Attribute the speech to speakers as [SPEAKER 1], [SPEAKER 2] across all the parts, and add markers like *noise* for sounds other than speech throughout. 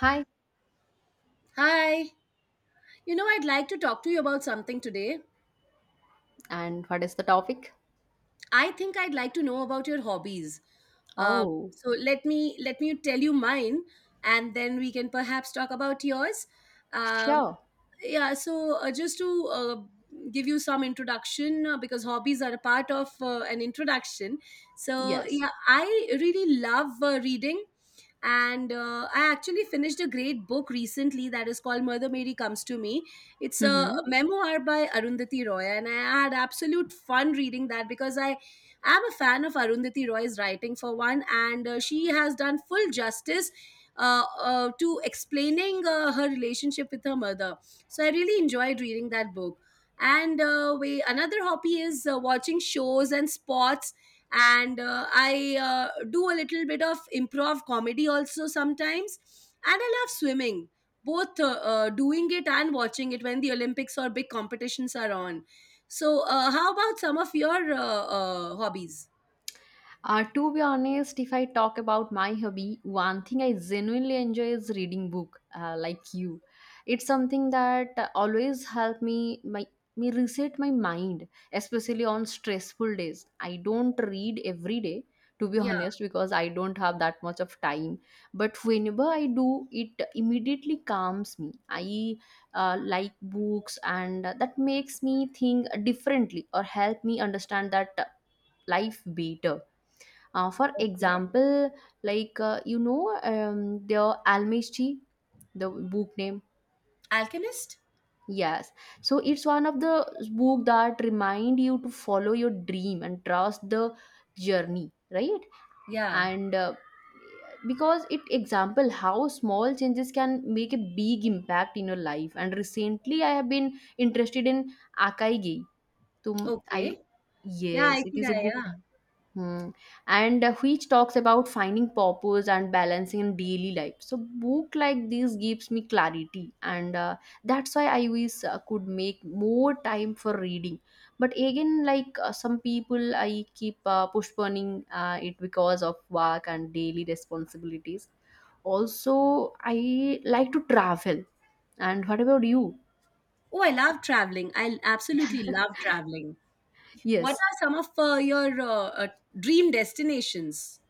[SPEAKER 1] Hi,
[SPEAKER 2] Hi. I'd like to talk to you about something today.
[SPEAKER 1] and what is the topic?
[SPEAKER 2] I think I'd like to know about your hobbies. Uh,
[SPEAKER 1] Oh,
[SPEAKER 2] so let me let me tell you mine, and then we can perhaps talk about yours. Um,
[SPEAKER 1] sure.
[SPEAKER 2] yeah. So just to give you some introduction, because hobbies are a part of an introduction. So
[SPEAKER 1] Yes.
[SPEAKER 2] yeah, I really love reading. And I actually finished a great book recently that is called Mother Mary Comes to Me. It's a
[SPEAKER 1] hmm
[SPEAKER 2] memoir by Arundhati Roy, and I had absolute fun reading that because I am a fan of Arundhati Roy's writing, for one. And she has done full justice to explaining her relationship with her mother, so I really enjoyed reading that book. And uh, we another hobby is watching shows and sports, and I do a little bit of improv comedy also sometimes, and I love swimming, both doing it and watching it when the Olympics or big competitions are on. So how about some of your hobbies?
[SPEAKER 1] To be honest, if I talk about my hobby, one thing I genuinely enjoy is reading book, like you. It's something that always help me reset my mind, especially on stressful days. I don't read every day, to be *laughs*
[SPEAKER 2] Yeah.
[SPEAKER 1] honest, because I don't have that much of time. But whenever I do, it immediately calms me. I like books, and that makes me think differently or help me understand that life better for
[SPEAKER 2] Okay.
[SPEAKER 1] example, like the Almighty, the book name.
[SPEAKER 2] Alchemist.
[SPEAKER 1] Yes, so it's one of the book that remind you to follow your dream and trust the journey, right?
[SPEAKER 2] Yeah.
[SPEAKER 1] And because it example how small changes can make a big impact in your life. And recently, I have been interested in Akai Gai. So
[SPEAKER 2] Okay.
[SPEAKER 1] I
[SPEAKER 2] Yeah,
[SPEAKER 1] yes, it is a
[SPEAKER 2] Ikigai.
[SPEAKER 1] book.
[SPEAKER 2] Yeah.
[SPEAKER 1] Hmm. And which talks about finding purpose and balancing in daily life. So book like this gives me clarity, and that's why I wish could make more time for reading. But again, like some people, I keep postponing it because of work and daily responsibilities. Also, I like to travel. And what about you?
[SPEAKER 2] Oh, I love traveling. I absolutely love traveling. What
[SPEAKER 1] Yes,
[SPEAKER 2] are some of your dream destinations?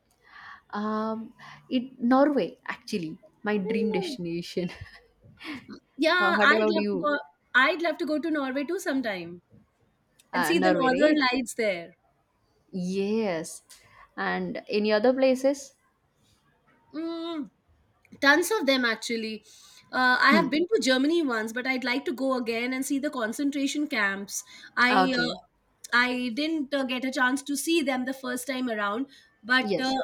[SPEAKER 1] um, it Norway actually my dream
[SPEAKER 2] Hmm.
[SPEAKER 1] destination. *laughs*
[SPEAKER 2] Yeah,
[SPEAKER 1] What
[SPEAKER 2] I'd
[SPEAKER 1] about
[SPEAKER 2] love to
[SPEAKER 1] you?
[SPEAKER 2] go. I'd love to go to Norway too sometime and see the
[SPEAKER 1] Norway,
[SPEAKER 2] northern
[SPEAKER 1] right?
[SPEAKER 2] lights there.
[SPEAKER 1] Yes. And any other places?
[SPEAKER 2] Mm, Tons of them actually. I have
[SPEAKER 1] Hmm.
[SPEAKER 2] been to Germany once, but I'd like to go again and see the concentration camps. I uh,
[SPEAKER 1] Okay.
[SPEAKER 2] I didn't get a chance to see them the first time around, but
[SPEAKER 1] Yes.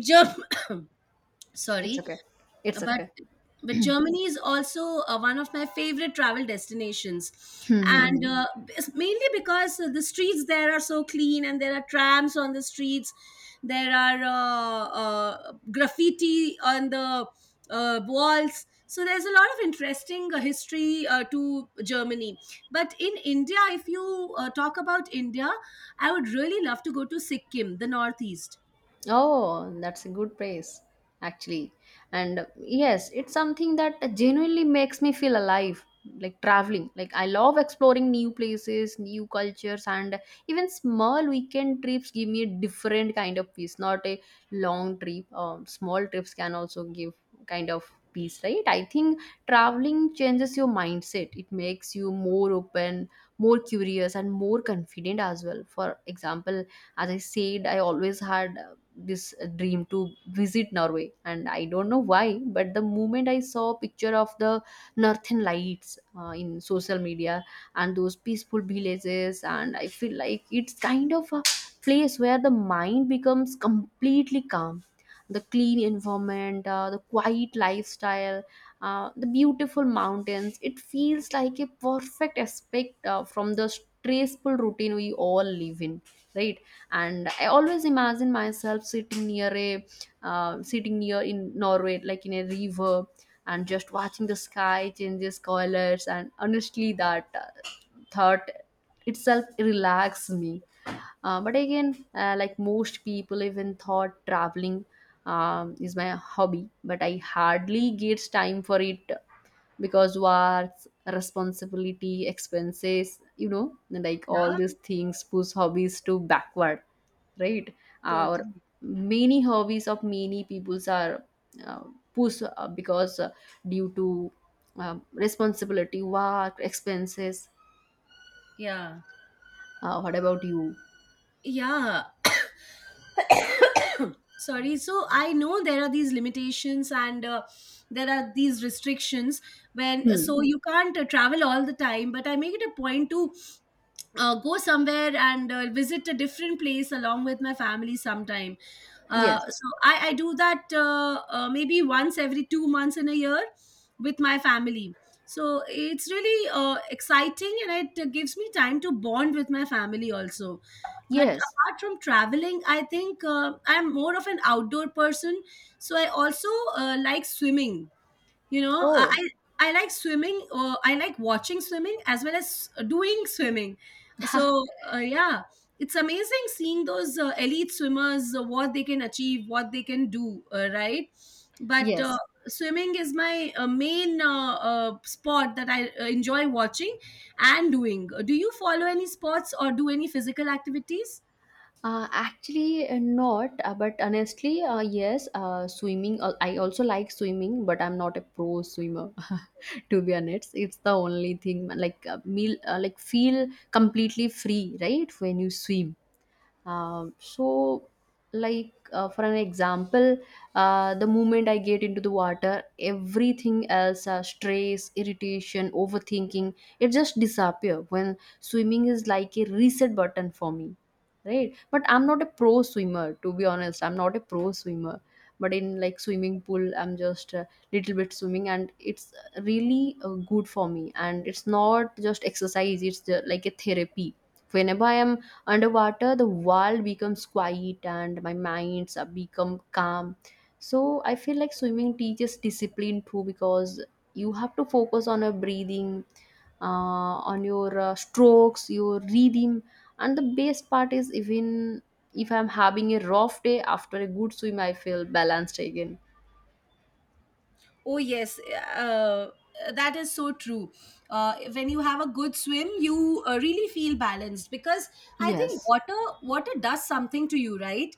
[SPEAKER 2] Germ- *laughs*
[SPEAKER 1] It's
[SPEAKER 2] sorry,
[SPEAKER 1] okay. It's
[SPEAKER 2] but
[SPEAKER 1] okay. *clears throat*
[SPEAKER 2] but
[SPEAKER 1] Hmm.
[SPEAKER 2] Germany is also one of my favorite travel destinations,
[SPEAKER 1] Hmm.
[SPEAKER 2] and
[SPEAKER 1] hmm.
[SPEAKER 2] uh, it's mainly because the streets there are so clean, and there are trams on the streets, there are graffiti on the walls. So there's a lot of interesting history to Germany. But in India, if you talk about India, I would really love to go to Sikkim, the northeast.
[SPEAKER 1] Oh, that's a good praise, actually. And yes, it's something that genuinely makes me feel alive, like traveling. Like, I love exploring new places, new cultures, and even small weekend trips give me a different kind of peace, not a long trip. Small trips can also give kind of peace, right? I think traveling changes your mindset, it makes you more open, more curious, and more confident as well. For example, as I said, I always had this dream to visit Norway. And I don't know why, but the moment I saw a picture of the northern lights in social media and those peaceful villages, and I feel like it's kind of a place where the mind becomes completely calm. The clean environment, the quiet lifestyle, the beautiful mountains, it feels like a perfect aspect from the stressful routine we all live in, right? And I always imagine myself sitting near in Norway, like in a river, and just watching the sky changes colors. And honestly, that thought itself relaxes me. But again, like most people, even thought traveling is my hobby, but I hardly get time for it because work, responsibility, expenses, like all
[SPEAKER 2] Yeah,
[SPEAKER 1] these things push hobbies to backward, right? Or
[SPEAKER 2] totally.
[SPEAKER 1] many hobbies of many peoples are uh, pushed because due to responsibility, work, expenses.
[SPEAKER 2] Yeah.
[SPEAKER 1] What about you?
[SPEAKER 2] Yeah, sorry, so I know there are these limitations, and there are these restrictions when
[SPEAKER 1] Hmm.
[SPEAKER 2] so you can't travel all the time, but I make it a point to go somewhere and visit a different place along with my family sometime. Uh,
[SPEAKER 1] Yes.
[SPEAKER 2] so I, I do that maybe once every 2 months in a year with my family. So it's really exciting, and it gives me time to bond with my family also. But
[SPEAKER 1] Yes.
[SPEAKER 2] apart from traveling, I think I'm more of an outdoor person. So I also like swimming you know i
[SPEAKER 1] Oh,
[SPEAKER 2] i I like swimming, or I like watching swimming as well as doing swimming. So
[SPEAKER 1] *laughs*
[SPEAKER 2] yeah, it's amazing seeing those elite swimmers, what they can achieve, what they can do, right? But
[SPEAKER 1] yes.
[SPEAKER 2] swimming is my main sport that I enjoy watching and doing. Do you follow any sports or do any physical activities?
[SPEAKER 1] Actually, not. But honestly, yes. Swimming. I also like swimming, but I'm not a pro swimmer. *laughs* To be honest, it's the only thing. Like meal. Like feel completely free, right? When you swim. So, like for an example, the moment I get into the water, everything else, stress, irritation, overthinking, it just disappear. When swimming is like a reset button for me, right? But I'm not a pro swimmer, to be honest. I'm not a pro swimmer. But in like swimming pool, I'm just a little bit swimming, and it's really good for me. And it's not just exercise; it's like a therapy. Whenever I am underwater, the world becomes quiet and my minds are become calm. So I feel like swimming teaches discipline too, because you have to focus on your breathing, on your strokes, your rhythm. And the best part is, even if I'm having a rough day, after a good swim I feel balanced again.
[SPEAKER 2] Oh yes, uh, that is so true. When you have a good swim, you really feel balanced because I think
[SPEAKER 1] Yes.
[SPEAKER 2] water does something to you, right?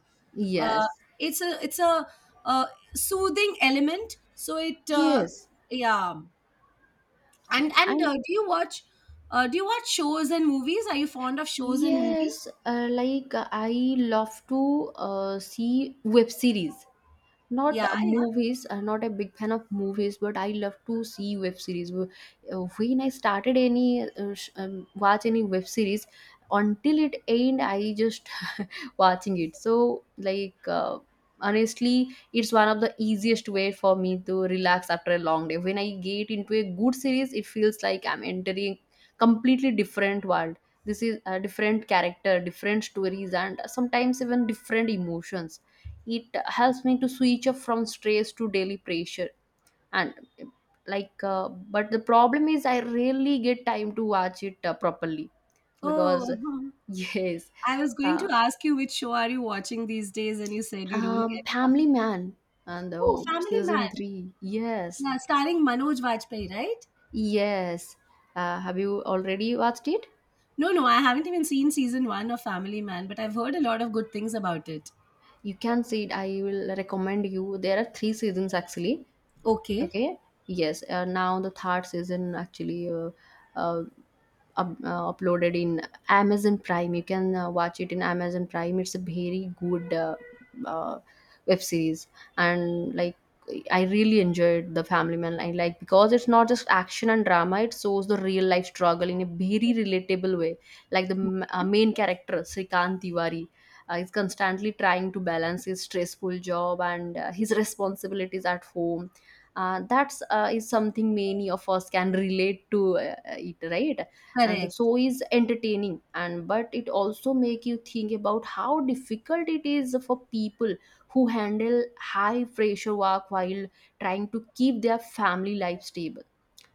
[SPEAKER 2] Uh,
[SPEAKER 1] Yes.
[SPEAKER 2] it's a uh, soothing element. So it
[SPEAKER 1] Yes,
[SPEAKER 2] Yeah. And and
[SPEAKER 1] and
[SPEAKER 2] uh, do you watch uh, do you watch shows and movies? Are you fond of shows and movies?
[SPEAKER 1] yes, like I love to see web series, not
[SPEAKER 2] Yeah, yeah.
[SPEAKER 1] movies. I'm not a big fan of movies, but I love to see web series. When I started any watch any web series, until it end, I just watching it. So, like, honestly, it's one of the easiest way for me to relax after a long day. When I get into a good series, it feels like I'm entering completely different world. This is a different character, different stories, and sometimes even different emotions. It helps me to switch off from stress to daily pressure. And like, but the problem is I rarely get time to watch it properly
[SPEAKER 2] Oh,
[SPEAKER 1] because
[SPEAKER 2] uh-huh.
[SPEAKER 1] *laughs* yes.
[SPEAKER 2] I was going to
[SPEAKER 1] uh,
[SPEAKER 2] ask you which show are you watching these days, and you said you don't get enough.
[SPEAKER 1] Family Man, and
[SPEAKER 2] Oh,
[SPEAKER 1] oh,
[SPEAKER 2] Family
[SPEAKER 1] season
[SPEAKER 2] Man.
[SPEAKER 1] three. Yes,
[SPEAKER 2] Yeah, starring Manoj Vajpayee, right?
[SPEAKER 1] yes. Have you already watched it?
[SPEAKER 2] No, no, I haven't even seen season one of Family Man, but I've heard a lot of good things about it.
[SPEAKER 1] You can see it. I will recommend you. There are three seasons actually.
[SPEAKER 2] Okay,
[SPEAKER 1] Okay. Yes. Now the third season actually uh, uploaded in Amazon Prime. You can watch it in Amazon Prime. It's a very good uh, web series, and like I really enjoyed the Family Man. I like because it's not just action and drama. It shows the real life struggle in a very relatable way. Like the main character Srikant Tiwari. Is constantly trying to balance his stressful job and his responsibilities at home. That's is something many of us can relate to it, right? And the
[SPEAKER 2] correct.
[SPEAKER 1] show is entertaining and but it also make you think about how difficult it is for people who handle high pressure work while trying to keep their family life stable.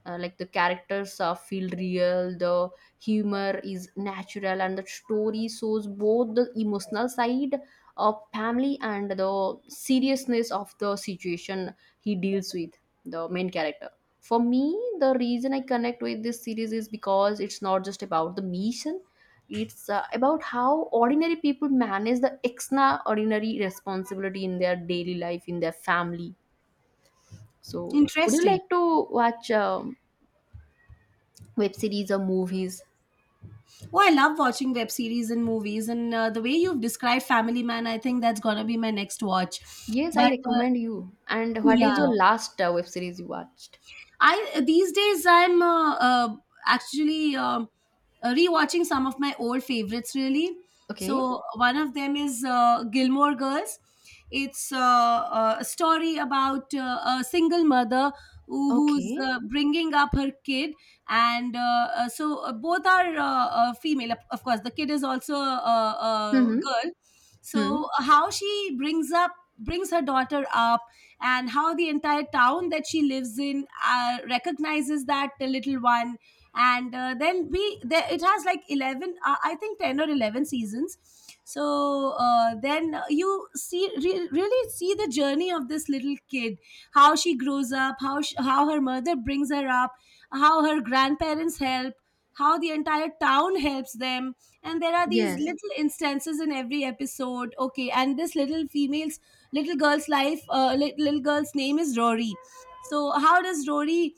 [SPEAKER 1] Like, the characters are feel real, the humor is natural, and the story shows both the emotional side of family and the seriousness of the situation he deals with. The main character, for me, the reason I connect with this series is because it's not just about the mission. It's about how ordinary people manage the extraordinary responsibility in their daily life, in their family. So would you
[SPEAKER 2] Interesting.
[SPEAKER 1] like to watch web series or movies?
[SPEAKER 2] Oh, I love watching web series and movies, and the way you've described Family Man, I think that's gonna be my next watch.
[SPEAKER 1] Yes, I
[SPEAKER 2] But
[SPEAKER 1] recommend you. And what is
[SPEAKER 2] yeah,
[SPEAKER 1] your last web series you watched?
[SPEAKER 2] I these days I'm actually rewatching some of my old favorites, really.
[SPEAKER 1] Okay.
[SPEAKER 2] So one of them is Gilmore Girls. It's a story about a single mother who's
[SPEAKER 1] Okay.
[SPEAKER 2] bringing up her kid, and both are female. Of course, the kid is also a
[SPEAKER 1] Mm-hmm.
[SPEAKER 2] girl.
[SPEAKER 1] Hmm.
[SPEAKER 2] So how she brings up brings her daughter up, and how the entire town that she lives in recognizes that little one. And then it has like 11, I think 10 or 11 seasons. So then you really see the journey of this little kid, how she grows up, how her mother brings her up, how her grandparents help, how the entire town helps them, and there are these
[SPEAKER 1] Yes.
[SPEAKER 2] little instances in every episode. Okay, and this little girl's life, little girl's name is Rory. so how does rory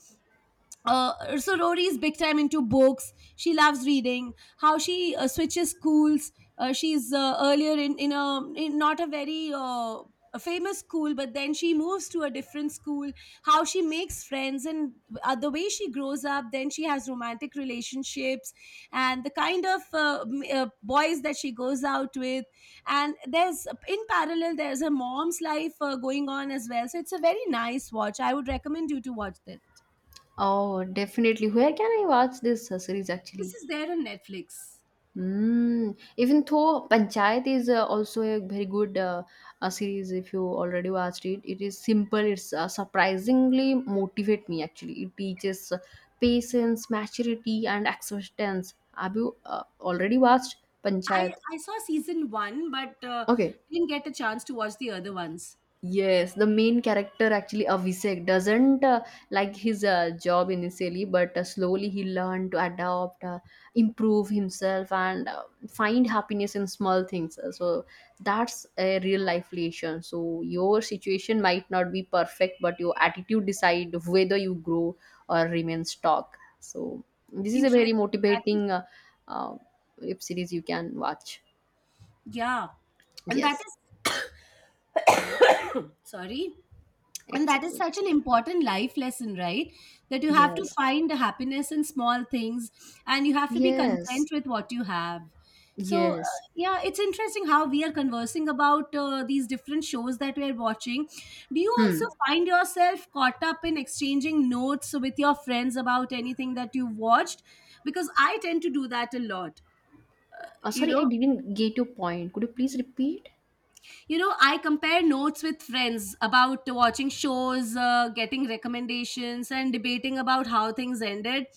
[SPEAKER 2] uh, so Rory is big time into books. She loves reading. How she switches schools. She's earlier in not a very a famous school, but then she moves to a different school. How she makes friends, and the way she grows up. Then she has romantic relationships and the kind of boys that she goes out with. And there's in parallel there's her mom's life going on as well. So it's a very nice watch. I would recommend you to watch this.
[SPEAKER 1] Oh, definitely. Where can I watch this series
[SPEAKER 2] This
[SPEAKER 1] actually?
[SPEAKER 2] is there on Netflix.
[SPEAKER 1] Mm. Even though Panchayat is also a very good series, if you already watched it, it is simple. It's surprisingly motivate me actually. It teaches patience, maturity, and acceptance. Have you already watched
[SPEAKER 2] I
[SPEAKER 1] Panchayat?
[SPEAKER 2] I saw season one, but
[SPEAKER 1] Okay.
[SPEAKER 2] didn't get a chance to watch the other ones.
[SPEAKER 1] Yes, the main character actually Abhishek doesn't like his job initially, but slowly he learned to adapt, improve himself, and find happiness in small things. So that's a real life relation. So your situation might not be perfect, but your attitude decide whether you grow or remain stuck. So this is a
[SPEAKER 2] Interesting.
[SPEAKER 1] very
[SPEAKER 2] That is,
[SPEAKER 1] motivating uh, web series you can watch.
[SPEAKER 2] yeah, and that
[SPEAKER 1] Yes,
[SPEAKER 2] is sorry. and
[SPEAKER 1] it's
[SPEAKER 2] that is
[SPEAKER 1] okay.
[SPEAKER 2] such an important life lesson, right? That you have to
[SPEAKER 1] Yes,
[SPEAKER 2] find happiness in small things, and you have to be content
[SPEAKER 1] yes.
[SPEAKER 2] with what you have. So
[SPEAKER 1] Yes.
[SPEAKER 2] yeah, it's interesting how we are conversing about these different shows that we are watching. Do you
[SPEAKER 1] Hmm.
[SPEAKER 2] also find yourself caught up in exchanging notes with your friends about anything that you've watched? Because I tend to do that a lot. you
[SPEAKER 1] Sorry, I
[SPEAKER 2] know
[SPEAKER 1] didn't get your point. Could you please repeat?
[SPEAKER 2] you know I compare notes with friends about watching shows, getting recommendations and debating about how things ended.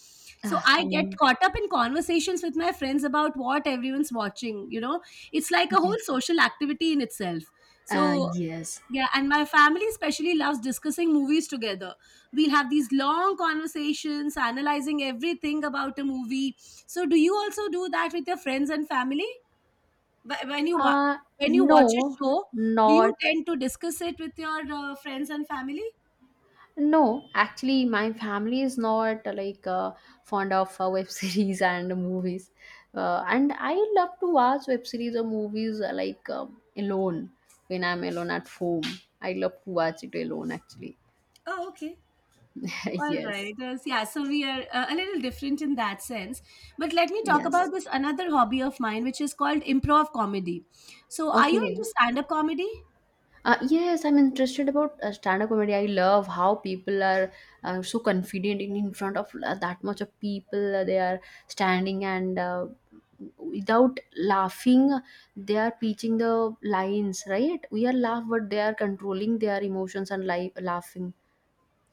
[SPEAKER 2] So
[SPEAKER 1] Ah,
[SPEAKER 2] I get
[SPEAKER 1] n-
[SPEAKER 2] caught up in conversations with my friends about what everyone's watching. It's like a whole
[SPEAKER 1] yes.
[SPEAKER 2] social activity in itself. So
[SPEAKER 1] Yes.
[SPEAKER 2] yeah, and my family especially loves discussing movies together. We'll have these long conversations analyzing everything about a movie. So do you also do that with your friends and family? But when you wa-
[SPEAKER 1] Uh,
[SPEAKER 2] When you watch a
[SPEAKER 1] no,
[SPEAKER 2] show, do you
[SPEAKER 1] not
[SPEAKER 2] tend to discuss it with your friends and family?
[SPEAKER 1] no. Actually, my family is not like fond of web *laughs* series and movies. And I love to watch web series or movies like alone when I'm alone at home. I love to watch it alone actually.
[SPEAKER 2] Oh, okay.
[SPEAKER 1] *laughs*
[SPEAKER 2] All
[SPEAKER 1] Yes.
[SPEAKER 2] right. Yes, yeah, so we are a little different in that sense. But let me talk
[SPEAKER 1] Yes.
[SPEAKER 2] about this another hobby of mine, which is called improv comedy. So, are you into
[SPEAKER 1] Okay.
[SPEAKER 2] stand up comedy?
[SPEAKER 1] Yes, I'm interested about stand-up comedy. I love how people are so confident in front of that much of people. They are standing and without laughing, they are preaching the lines. Right? We are laugh, but they are controlling their emotions and laughing.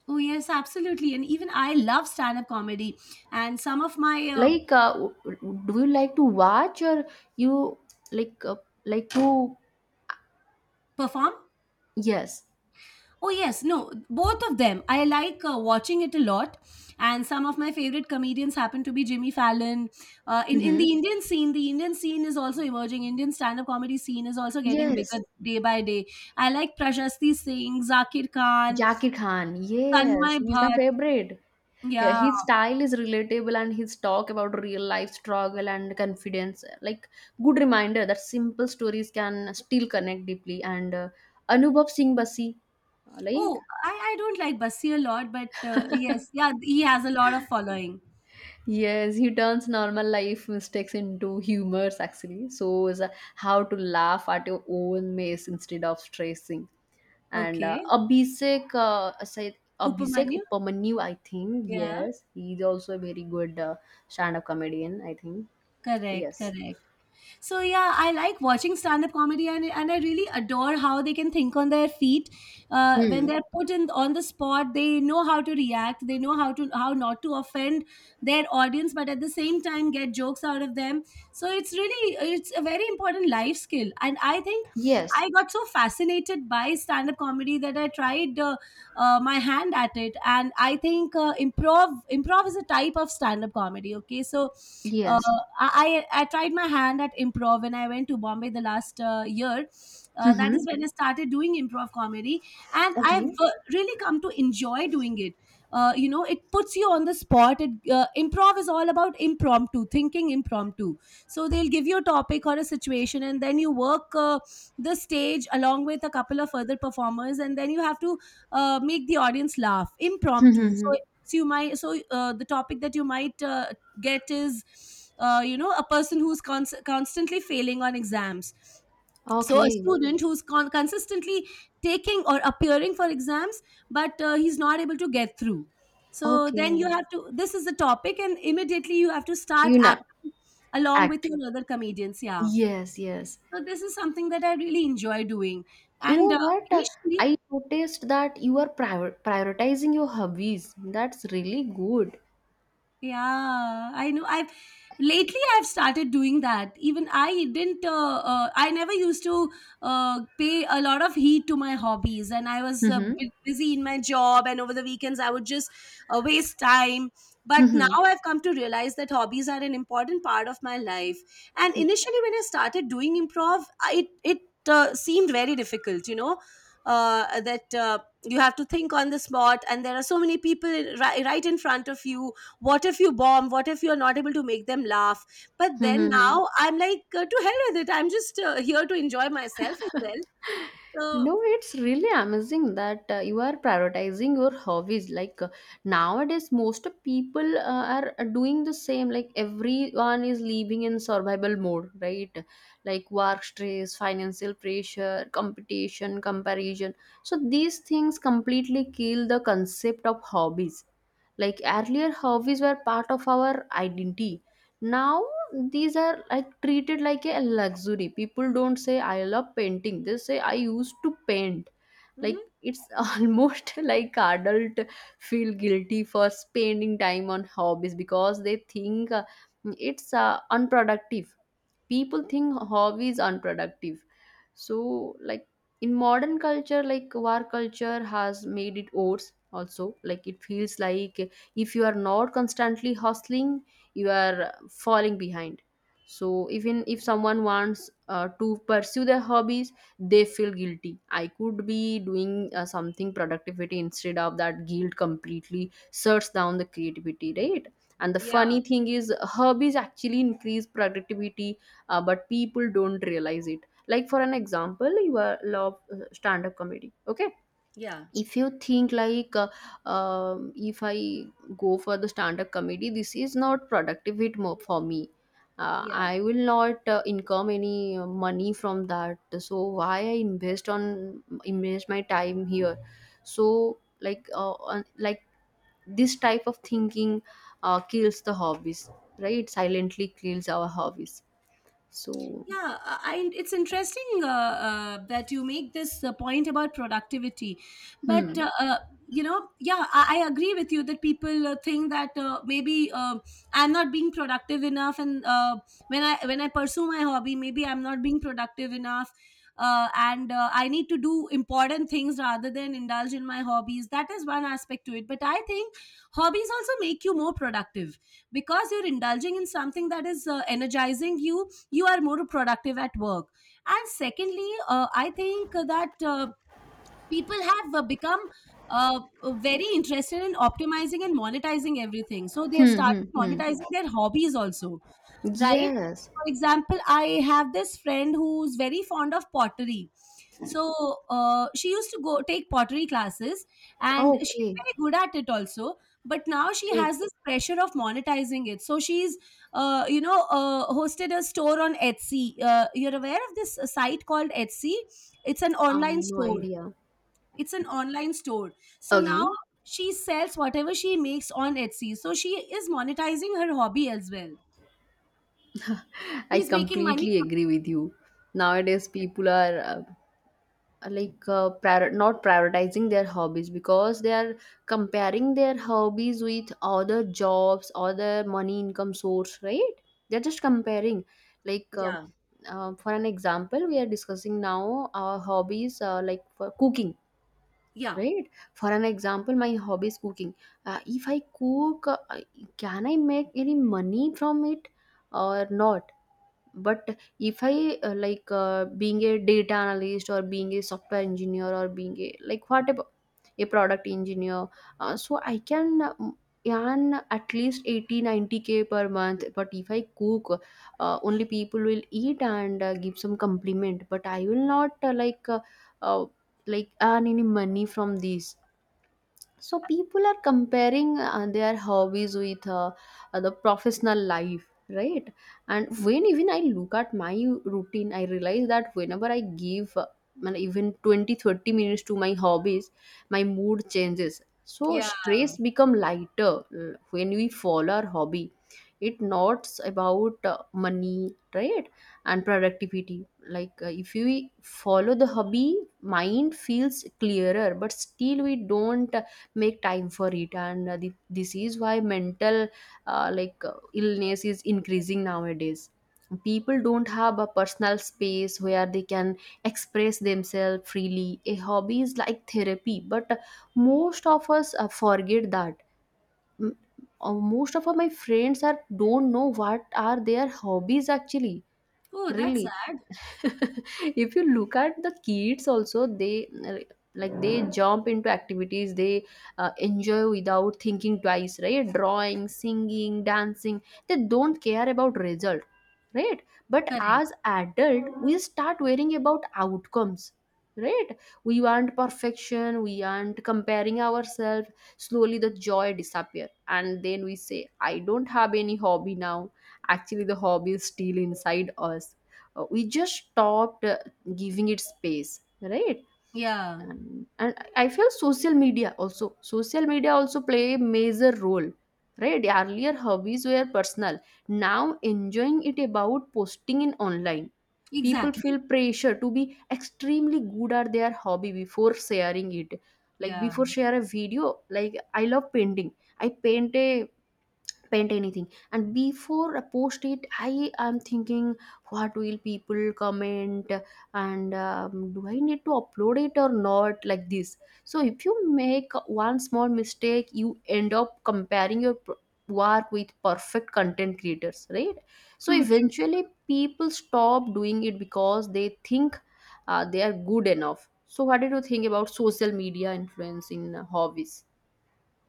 [SPEAKER 2] Oh, yes, absolutely. And even I love stand up comedy. And some of my
[SPEAKER 1] Like, do you like to watch or you like uh, like to?
[SPEAKER 2] perform
[SPEAKER 1] Yes.
[SPEAKER 2] Oh yes, no, both of them. I like watching it a lot, and some of my favorite comedians happen to be Jimmy Fallon. In
[SPEAKER 1] Mm-hmm.
[SPEAKER 2] the Indian scene is also emerging. Indian stand up comedy scene is also getting bigger
[SPEAKER 1] Yes.
[SPEAKER 2] day by day. I like Prashasti Singh, Zakir Khan,
[SPEAKER 1] Jackie Khan.
[SPEAKER 2] Tanmay
[SPEAKER 1] Yes, he's my
[SPEAKER 2] Bhatt.
[SPEAKER 1] favorite. Yeah,
[SPEAKER 2] Yeah.
[SPEAKER 1] his style is relatable and his talk about real life struggle and confidence, like good reminder that simple stories can still connect deeply. And Anubhav Singh Basi, like,
[SPEAKER 2] Oh, I don't like Basi a lot, but yes, yeah, he has a lot of following.
[SPEAKER 1] yes, he turns normal life mistakes into humors actually. So is how to laugh at your own mess instead of stressing. And
[SPEAKER 2] Okay,
[SPEAKER 1] Abhishek
[SPEAKER 2] Upamanyu.
[SPEAKER 1] Upamanyu, I think.
[SPEAKER 2] Yeah,
[SPEAKER 1] Yes, he's also a very good stand-up comedian, I think.
[SPEAKER 2] correct,
[SPEAKER 1] Yes.
[SPEAKER 2] correct. So yeah, I like watching stand-up comedy, and I really adore how they can think on their feet. When
[SPEAKER 1] Hmm.
[SPEAKER 2] they're put in on the spot, they know how to react. They know how not to offend their audience, but at the same time get jokes out of them. So it's a very important life skill, and I think
[SPEAKER 1] Yes,
[SPEAKER 2] I got so fascinated by stand-up comedy that I tried my hand at it, and I think improv is a type of stand-up comedy. Okay, so uh,
[SPEAKER 1] yes.
[SPEAKER 2] I tried my hand at improv when I went to Bombay the last year. That is
[SPEAKER 1] Mm-hmm.
[SPEAKER 2] when I started doing improv comedy, and I've
[SPEAKER 1] Okay.
[SPEAKER 2] really come to enjoy doing it. It puts you on the spot. Improv is all about impromptu, thinking impromptu. So they'll give you a topic or a situation, and then you work the stage along with a couple of other performers, and then you have to make the audience laugh impromptu.
[SPEAKER 1] Mm-hmm.
[SPEAKER 2] So, you might so the topic that you might get is a person who's constantly failing on exams. So a
[SPEAKER 1] Okay.
[SPEAKER 2] student who's consistently taking or appearing for exams, but he's not able to get through. So
[SPEAKER 1] Okay.
[SPEAKER 2] then, you have to this is the topic, and immediately you have to start
[SPEAKER 1] You know,
[SPEAKER 2] acting along with
[SPEAKER 1] act.
[SPEAKER 2] your other comedians, yeah.
[SPEAKER 1] Yes, yes.
[SPEAKER 2] So this is something that I really enjoy doing.
[SPEAKER 1] You
[SPEAKER 2] and
[SPEAKER 1] know
[SPEAKER 2] uh,
[SPEAKER 1] what?
[SPEAKER 2] initially.
[SPEAKER 1] I noticed that you are prioritizing your hobbies. That's really good.
[SPEAKER 2] Yeah, I know. I've lately I've started doing that. Even I didn't. I never used to pay a lot of heed to my hobbies, and I was a
[SPEAKER 1] Mm-hmm.
[SPEAKER 2] bit busy in my job. And over the weekends, I would just waste time. But now
[SPEAKER 1] Mm-hmm.
[SPEAKER 2] I've come to realize that hobbies are an important part of my life. And initially, when I started doing improv, I, it seemed very difficult. You know, that, you have to think on the spot, and there are so many people right in front of you. What if you bomb? What if you're not able to make them laugh? But then,
[SPEAKER 1] Mm-hmm.
[SPEAKER 2] now I'm like, to hell with it. I'm just here to enjoy myself as well. So.
[SPEAKER 1] No, it's really amazing that you are prioritizing your hobbies. Like, nowadays, most of people are doing the same. Like everyone is living in survival mode, right? Like work stress, financial pressure, competition, comparison. So these things completely kill the concept of hobbies. Like earlier, hobbies were part of our identity. Now these are like treated like a luxury. People don't say I love painting, they say I used to paint.
[SPEAKER 2] Mhm.
[SPEAKER 1] Like it's *laughs* almost like adult feel guilty for spending time on hobbies because they think it's unproductive. People think hobbies unproductive. So, like, in modern culture, like war culture has made it worse also. Like it feels like if you are not constantly hustling, you are falling behind. So even if someone wants to pursue their hobbies, they feel guilty. I could be doing something productivity instead. Of that guilt completely shuts down the creativity, right? And the
[SPEAKER 2] Yeah,
[SPEAKER 1] funny thing is hobbies actually increase productivity, but people don't realize it. Like for an example, you are love stand-up comedy, okay?
[SPEAKER 2] yeah,
[SPEAKER 1] If you think like if I go for the stand-up comedy, this is not productive, it more for me.
[SPEAKER 2] yeah.
[SPEAKER 1] I will not income any money from that, so why I invest on invest my time here. So like like this type of thinking kills the hobbies, right? Silently kills our hobbies. So.
[SPEAKER 2] Yeah, it's interesting, that you make this point about productivity. But,
[SPEAKER 1] hmm
[SPEAKER 2] uh, uh, you know, yeah, I agree with you that people think that, maybe, I'm not being productive enough. And when I pursue my hobby, maybe I'm not being productive enough. And I need to do important things rather than indulge in my hobbies. That is one aspect to it. But I think hobbies also make you more productive, because you're indulging in something that is energizing you. You are more productive at work. And secondly, I think that, people have become, very interested in optimizing and monetizing everything, so they have
[SPEAKER 1] Hmm, hmm,
[SPEAKER 2] started
[SPEAKER 1] hmm.
[SPEAKER 2] monetizing their hobbies also, right?
[SPEAKER 1] Yes.
[SPEAKER 2] For example, I have this friend who's very fond of pottery. So she used to go take pottery classes, and she's
[SPEAKER 1] Okay,
[SPEAKER 2] very good at it also. But now she
[SPEAKER 1] great.
[SPEAKER 2] has this pressure of monetizing it. So she's hosted a store on Etsy. You're aware of this site called Etsy? It's an online
[SPEAKER 1] No
[SPEAKER 2] store.
[SPEAKER 1] idea.
[SPEAKER 2] It's an online store. So now
[SPEAKER 1] Okay,
[SPEAKER 2] she sells whatever she makes on Etsy. So she is monetizing her hobby as well.
[SPEAKER 1] I
[SPEAKER 2] She's making money.
[SPEAKER 1] completely agree with you. Nowadays,
[SPEAKER 2] Yeah.
[SPEAKER 1] people are like not prioritizing their hobbies because they are comparing their hobbies with other jobs, other money income source, right? They're just comparing. Like,
[SPEAKER 2] Yeah.
[SPEAKER 1] for an example, we are discussing now our hobbies like for cooking,
[SPEAKER 2] Yeah.
[SPEAKER 1] right? For an example, my hobby is cooking. If I cook, can I make any money from it or not? But if I like being a data analyst or being a software engineer or being a like whatever, a product engineer, so I can earn at least 80, 90 k per month. But if I cook, only people will eat and give some compliment, but I will not uh, like earn any money from this. So people are comparing their hobbies with the professional life, right? And when even I look at my routine, I realize that whenever I give man, even 20, 30 minutes to my hobbies, my mood changes. So
[SPEAKER 2] Yeah.
[SPEAKER 1] stress become lighter when we follow our hobby. It not about money, right? And productivity. Like if we follow the hobby, mind feels clearer, but still we don't make time for it and this is why mental illness is increasing nowadays. People don't have a personal space where they can express themselves freely. A hobby is like therapy, but most of us forget that. M- Most of my friends are don't know what are their hobbies actually.
[SPEAKER 2] Oh, that's
[SPEAKER 1] Really.
[SPEAKER 2] sad.
[SPEAKER 1] *laughs* If you look at the kids also, they like they jump into activities they enjoy without thinking twice, right? Drawing, singing, dancing, they don't care about result, right? But
[SPEAKER 2] Correct.
[SPEAKER 1] as adult we start worrying about outcomes, right? We want perfection, we want comparing ourselves. Slowly the joy disappear, and then we say I don't have any hobby now. Actually the hobby is still inside us, we just stopped giving it space, right?
[SPEAKER 2] Yeah.
[SPEAKER 1] And I feel social media also, play a major role, right? Earlier hobbies were personal, now enjoying it about posting in online. People
[SPEAKER 2] Exactly.
[SPEAKER 1] feel pressure to be extremely good at their hobby before sharing it. Like
[SPEAKER 2] Yeah.
[SPEAKER 1] before share a video, like I love painting, I paint anything, and before I post it I am thinking what will people comment, and do I need to upload it or not, like this. So if you make one small mistake, you end up comparing your work with perfect content creators, right? So
[SPEAKER 2] True, true.
[SPEAKER 1] eventually people stop doing it because they think they are good enough. So what did you think about social media influence in hobbies?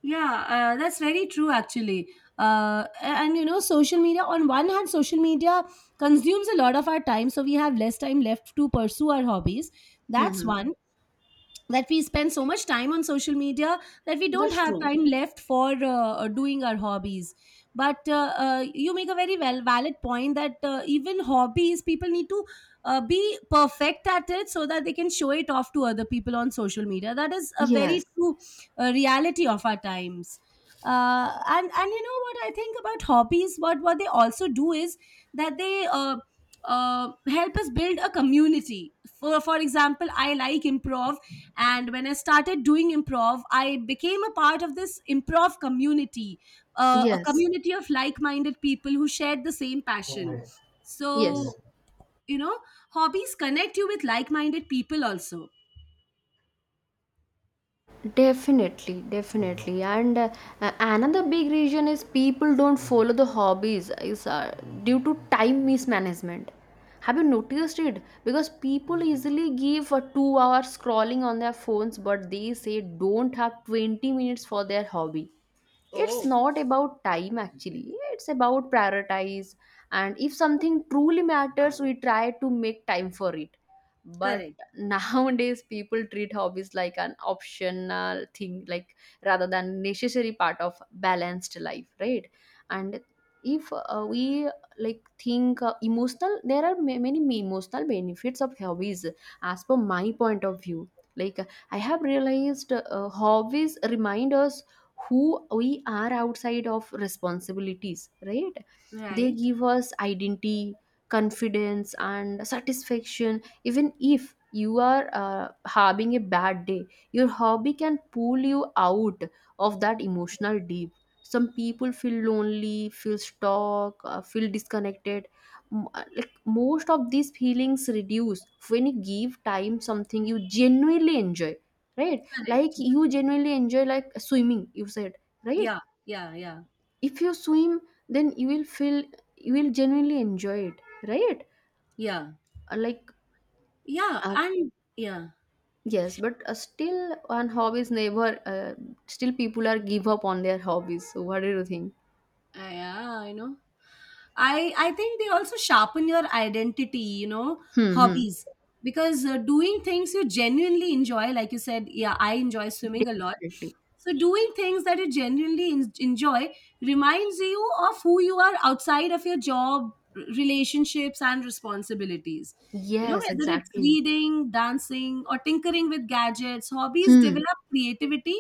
[SPEAKER 2] Yeah, that's very true actually. And social media, on one hand, social media consumes a lot of our time, so we have less time left to pursue our hobbies. That's
[SPEAKER 1] Hmm.
[SPEAKER 2] one. That we spend so much time on social media that we don't
[SPEAKER 1] That's
[SPEAKER 2] have
[SPEAKER 1] true.
[SPEAKER 2] time left for doing our hobbies. But, you make a very well valid point that even hobbies, people need to be perfect at it so that they can show it off to other people on social media. That is a very
[SPEAKER 1] Yes,
[SPEAKER 2] true reality of our times. And you know what I think about hobbies? What they also do is that they help us build a community. For example, I like improv. And when I started doing improv, I became a part of this improv community, a
[SPEAKER 1] yes.
[SPEAKER 2] community of like-minded people who shared the same passion. so
[SPEAKER 1] Yes,
[SPEAKER 2] you know hobbies connect you with like-minded people also.
[SPEAKER 1] definitely, definitely. And another big reason is people don't follow the hobbies is due to time mismanagement. Have you noticed it? Because people easily give a 2 hours scrolling on their phones, but they say don't have 20 minutes for their hobby. It's
[SPEAKER 2] Oh,
[SPEAKER 1] not about time actually, it's about prioritize. And if something truly matters, we try to make time for it. But
[SPEAKER 2] correct.
[SPEAKER 1] *laughs* nowadays people treat hobbies like an optional thing, like rather than necessary part of balanced life, right? And if we like think emotional, there are many emotional benefits of hobbies, as per my point of view. Like, I have realized hobbies remind us who we are outside of responsibilities, right? They
[SPEAKER 2] Right.
[SPEAKER 1] give us identity, confidence and satisfaction. Even if you are having a bad day, your hobby can pull you out of that emotional deep. Some people feel lonely, feel stuck, feel disconnected. Like most of these feelings reduce when you give time something you genuinely enjoy, right? Like
[SPEAKER 2] Correct.
[SPEAKER 1] you genuinely enjoy like swimming, you said, right?
[SPEAKER 2] Yeah, yeah, yeah,
[SPEAKER 1] If you swim, then you will feel you will genuinely enjoy it, right?
[SPEAKER 2] yeah,
[SPEAKER 1] Like
[SPEAKER 2] yeah,
[SPEAKER 1] uh,
[SPEAKER 2] and yeah.
[SPEAKER 1] yes, but still on hobbies never, uh, still people are give up on their hobbies, so what do you think?
[SPEAKER 2] Yeah, I know. I think they also sharpen your identity,
[SPEAKER 1] Hmm, hmm.
[SPEAKER 2] hobbies, because doing things you genuinely enjoy, like you said, yeah, I enjoy swimming a lot.
[SPEAKER 1] Definitely.
[SPEAKER 2] So doing things that you genuinely enjoy reminds you of who you are outside of your job, relationships, and responsibilities. You know,
[SPEAKER 1] Yes,
[SPEAKER 2] whether it's
[SPEAKER 1] exactly.
[SPEAKER 2] reading, dancing, or tinkering with gadgets, hobbies
[SPEAKER 1] Hmm.
[SPEAKER 2] develop creativity.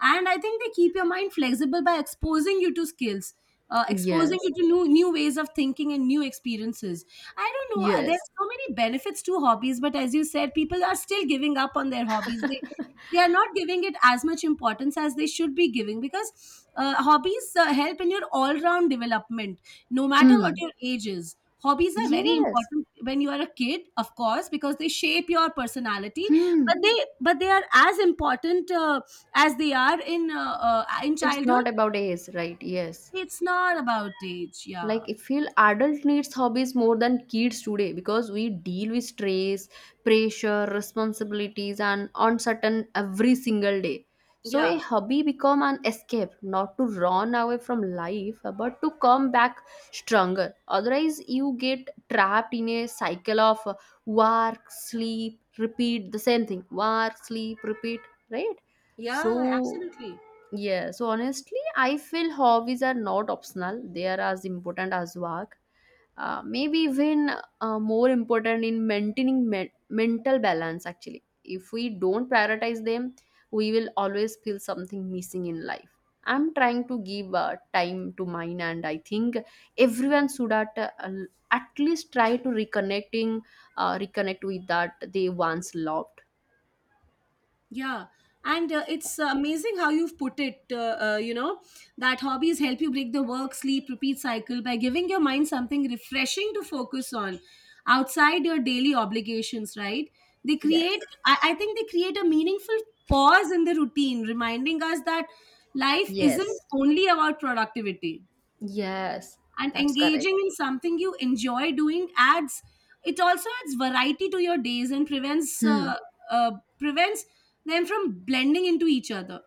[SPEAKER 2] And I think they keep your mind flexible by exposing you to skills, exposing
[SPEAKER 1] Yes,
[SPEAKER 2] you to new ways of thinking and new experiences. I don't know. There's
[SPEAKER 1] yes.
[SPEAKER 2] so many benefits to hobbies, but as you said, people are still giving up on their hobbies. They are not giving it as much importance as they should be giving, because hobbies help in your all round development, no matter what
[SPEAKER 1] Hmm.
[SPEAKER 2] your age is. Hobbies are very
[SPEAKER 1] Yes.
[SPEAKER 2] important when you are a kid, of course, because they shape your personality,
[SPEAKER 1] Hmm.
[SPEAKER 2] but they but they are as important, as they are in
[SPEAKER 1] It's
[SPEAKER 2] childhood.
[SPEAKER 1] not about age, right? Yes.
[SPEAKER 2] It's not about age, yeah.
[SPEAKER 1] Like I feel adult needs hobbies more than kids today because we deal with stress, pressure, responsibilities and uncertain every single day. So a
[SPEAKER 2] Yeah,
[SPEAKER 1] hobby become an escape, not to run away from life but to come back stronger. Otherwise you get trapped in a cycle of work, sleep, repeat, the same thing, work, sleep, repeat, right? So
[SPEAKER 2] yeah, absolutely.
[SPEAKER 1] yeah, so honestly, I feel hobbies are not optional. They are as important as work. Maybe even more important in maintaining mental balance, actually. If we don't prioritize them, we will always feel something missing in life. I'm trying to give time to mine, and I think everyone should at least try to reconnecting, reconnect with that they once loved.
[SPEAKER 2] Yeah, and it's amazing how you've put it. You know that hobbies help you break the work, sleep, repeat cycle by giving your mind something refreshing to focus on outside your daily obligations. Right? They
[SPEAKER 1] Yes,
[SPEAKER 2] create. I think they create a meaningful pause in the routine, reminding us that life isn't
[SPEAKER 1] yes,
[SPEAKER 2] only about productivity,
[SPEAKER 1] yes,
[SPEAKER 2] and
[SPEAKER 1] that's
[SPEAKER 2] engaging
[SPEAKER 1] correct.
[SPEAKER 2] in something you enjoy doing adds it also adds variety to your days and
[SPEAKER 1] Hmm.
[SPEAKER 2] uh, prevents them from blending into each other.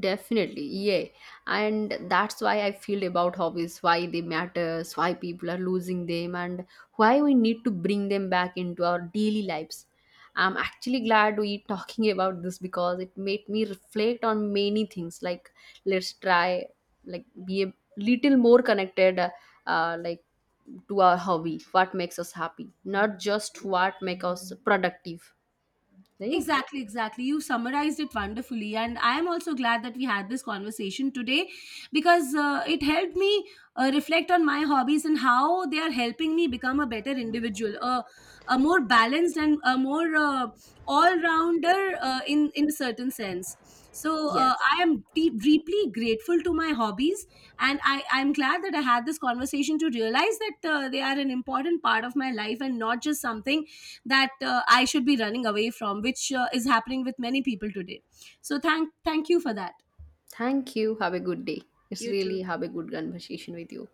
[SPEAKER 1] Definitely, yeah. And that's why I feel about hobbies, why they matters, why people are losing them, and why we need to bring them back into our daily lives. I'm actually glad we talking about this because it made me reflect on many things. Like, let's try, like, be a little more connected, like, to our hobby, what makes us happy, not just what makes us productive, right?
[SPEAKER 2] Exactly, exactly. You summarized it wonderfully. And I am also glad that we had this conversation today, because it helped me reflect on my hobbies and how they are helping me become a better individual, a more balanced and a more all rounder, in a certain sense. So
[SPEAKER 1] Yes.
[SPEAKER 2] uh, I am deeply grateful to my hobbies, and I'm glad that I had this conversation to realize that they are an important part of my life, and not just something that I should be running away from, which is happening with many people today. So, thank you for that.
[SPEAKER 1] Thank you. Have a good day. It's
[SPEAKER 2] You too.
[SPEAKER 1] really have a good conversation with you.